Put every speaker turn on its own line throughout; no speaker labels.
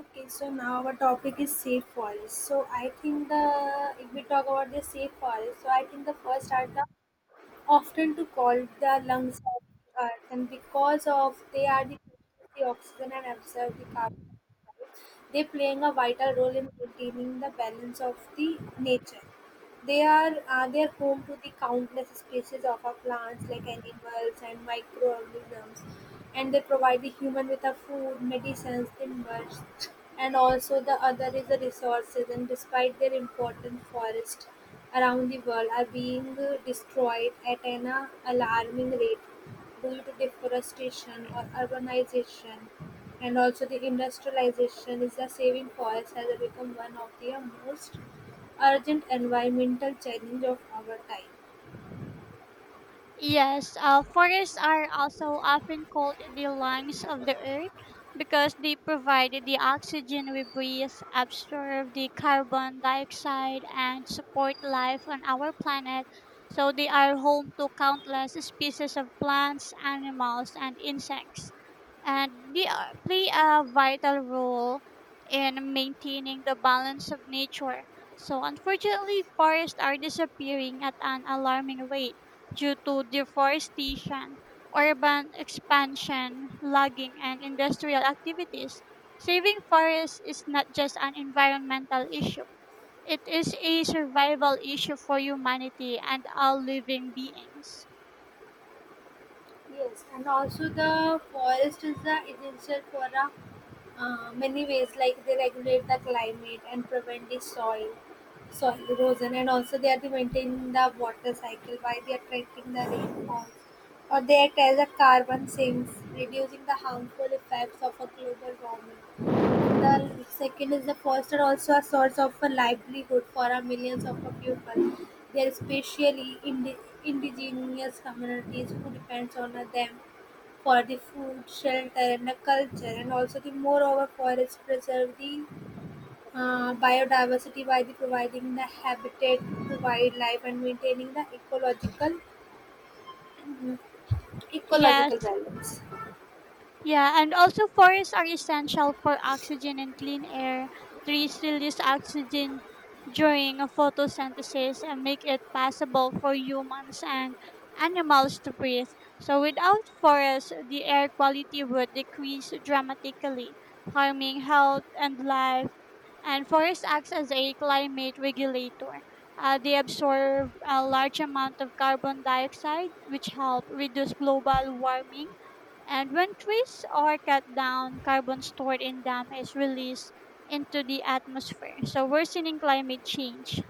Okay, so now our topic is safe forest. So I think the if we talk about the safe forest, so I think the first are the often to call the lungs of the earth, and because of they are the oxygen and absorb the carbon dioxide, they playing a vital role in maintaining the balance of the nature. They are home to the countless species of our plants like animals and microorganisms, and they provide the human with a food, medicines, timbers, and also the other is the resources. And despite their importance, forests around the world are being destroyed at an alarming rate due to deforestation or urbanization and also the industrialization is the saving forests has become one of the most urgent environmental challenge of our time.
Yes, forests are also often called the lungs of the earth because they provide the oxygen we breathe, absorb the carbon dioxide, and support life on our planet. So they are home to countless species of plants, animals, and insects and play a vital role in maintaining the balance of nature. So, unfortunately, forests are disappearing at an alarming rate due to deforestation, urban expansion, logging, and industrial activities. Saving forests is not just an environmental issue. It is a survival issue for humanity and all living beings.
Yes, and also the forest is the essential for a many ways like they regulate the climate and prevent the soil erosion and also they are the maintaining the water cycle by they are tracking the rainfalls or they act as a carbon sinks reducing the harmful effects of a global warming. And the second is the forests are also a source of a livelihood for a millions of a people. They are especially indigenous communities who depends on them for the food, shelter, and the culture. And also the moreover forests preserve the biodiversity by the providing the habitat to wildlife and maintaining the ecological
Yes.
balance.
Yeah, and also forests are essential for oxygen and clean air. Trees release oxygen during a photosynthesis and make it possible for humans and animals to breathe. So without forests, the air quality would decrease dramatically, harming health and life. And forests acts as a climate regulator. They absorb a large amount of carbon dioxide, which help reduce global warming, and when trees are cut down, carbon stored in them is released into the atmosphere, so worsening climate change.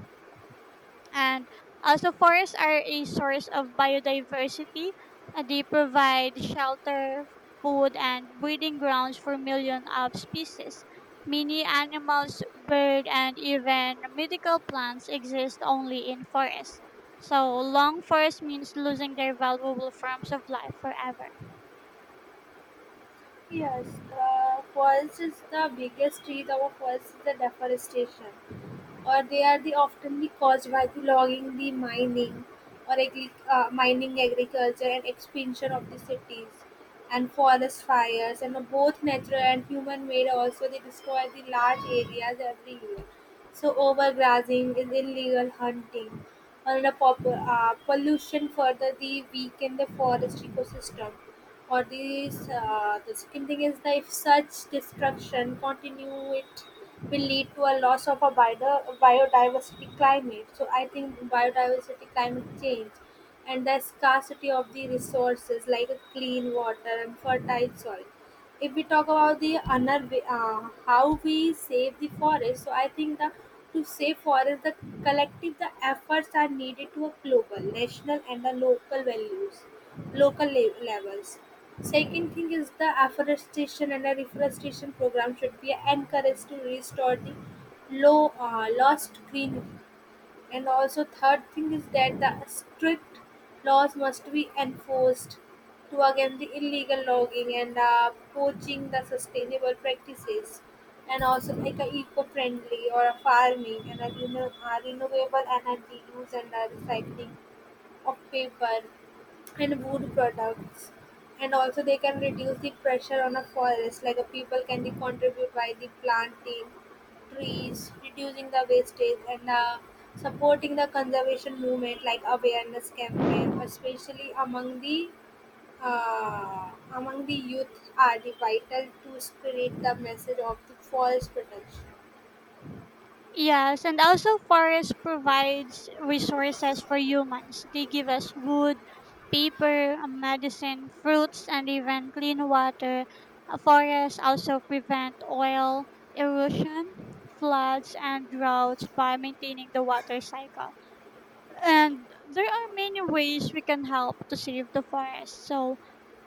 And also, forests are a source of biodiversity. They provide shelter, food, and breeding grounds for millions of species. Many animals, birds, and even medical plants exist only in forests. So, long forests means losing their valuable forms of life forever.
Yes, forest is the biggest threat of forest is the deforestation, or they are the oftenly caused by the logging, the mining, or mining, agriculture, and expansion of the cities, and forest fires, and both natural and human-made. Also, they destroy the large areas every year. So, overgrazing is illegal hunting, and the pollution further the weaken the forest ecosystem. Or these, the second thing is that if such destruction continue, it will lead to a loss of a biodiversity climate. So I think biodiversity climate change and the scarcity of the resources like a clean water and fertile soil. If we talk about the another way, how we save the forest, so I think the to save forest, the collective the efforts are needed to a global, national, and the local values, local levels. Second thing is the afforestation and the reforestation program should be encouraged to restore the lost greenery. And also third thing is that the strict laws must be enforced to against the illegal logging and poaching the sustainable practices, and also like a eco-friendly or a farming and a renewable energy use and recycling of paper and wood products, and also they can reduce the pressure on a forest like a people can contribute by the planting trees, reducing the wastage and supporting the conservation movement like awareness campaign especially among the among the youth are the vital to spread the message of the forest protection.
Yes, and also forest provides resources for humans. They give us wood, paper, medicine, fruits, and even clean water. Forests also prevent oil erosion, floods, and droughts by maintaining the water cycle. And there are many ways we can help to save the forest. So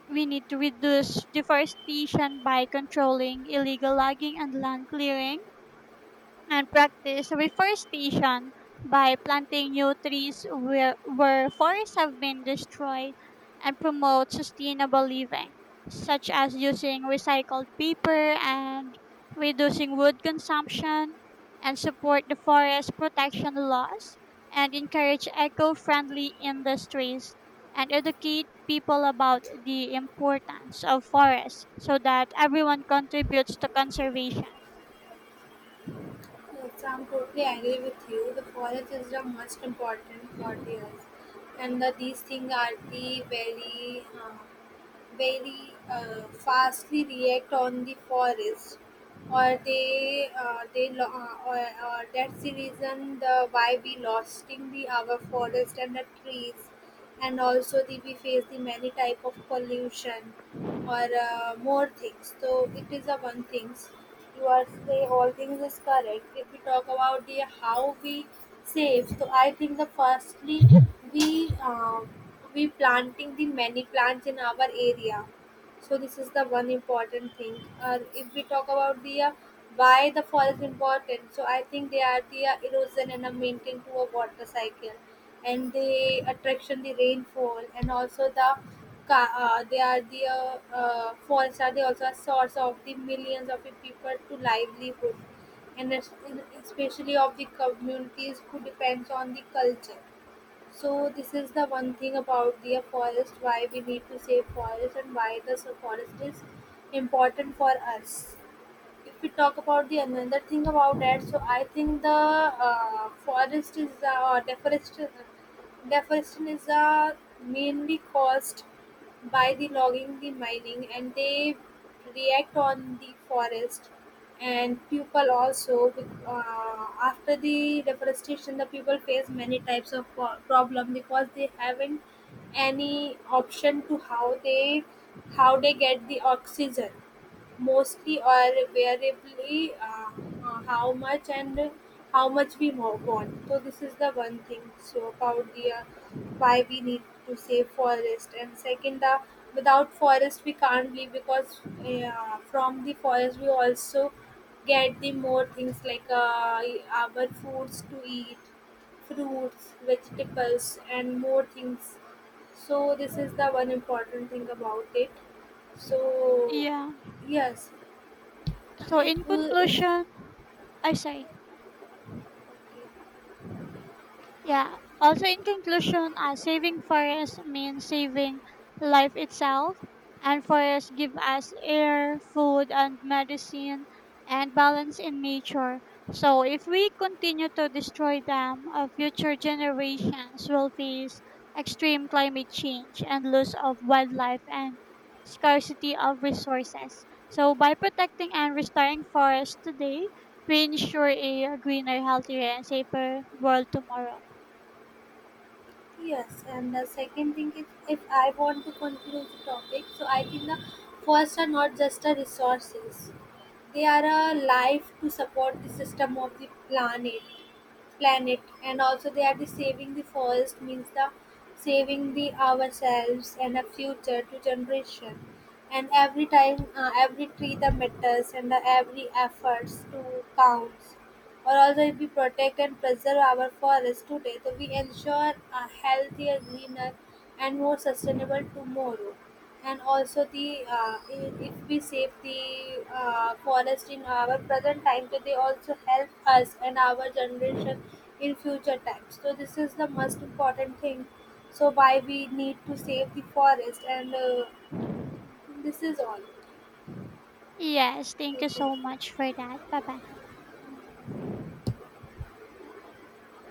we need to reduce deforestation by controlling illegal logging and land clearing and practice reforestation by planting new trees where forests have been destroyed and promote sustainable living, such as using recycled paper and reducing wood consumption, and support the forest protection laws and encourage eco friendly industries and educate people about the importance of forests so that everyone contributes to conservation.
Yes, I'm totally agree with you. The forest is the most important for us, and the, these things are the very, fastly react on the forest, or or that's the reason the why we losting the our forest and the trees, and also the, we face the many type of pollution or more things. So it is a one things. You are say all things is correct. If we talk about the how we save, so I think the firstly we uh, we planting the many plants in our area. So this is the one important thing. If we talk about the why the forest important, so I think they are the erosion and a maintain to a water cycle, and they attraction the rainfall and also the ca- they are the forests are the also a source of the millions of the people to livelihood and especially of the communities who depends on the culture. So this is the one thing about the forest, why we need to save forest, and why the forest is important for us. If we talk about the another thing about that, so I think the forest is deforestation. Deforestation is mainly caused by the logging, the mining, and they react on the forest and people also. After the deforestation, the people face many types of problem because they haven't any option to how they get the oxygen mostly or variably how much and how much we want. So this is the one thing. So about the why we need to save forest, and second the without forest we can't live because from the forest we also get the more things like our foods to eat, fruits, vegetables, and more things. So this is the one important thing about it. So
Yeah.
yes, and
So in
if
conclusion I say. Yeah. Also, in conclusion, saving forests means saving life itself, and forests give us air, food, and medicine, and balance in nature. So, if we continue to destroy them, future generations will face extreme climate change and loss of wildlife and scarcity of resources. So, by protecting and restoring forests today, we ensure a greener, healthier, and safer world tomorrow.
yes, and the second thing is if I want to conclude the topic, so I think the first are not just a resources; they are a life to support the system of the planet, and also they are the saving the forest means the saving the ourselves and a future to generation. And every time, every tree that matters, and the every efforts to counts. Or also, if we protect and preserve our forests today, so we ensure a healthier, greener, and more sustainable tomorrow. And also, the if we save the forest in our present time, so they also help us and our generation in future times. So this is the most important thing. So why we need to save the forest, and this is all.
Yes, thank you so
Okay.
much for that. Bye bye.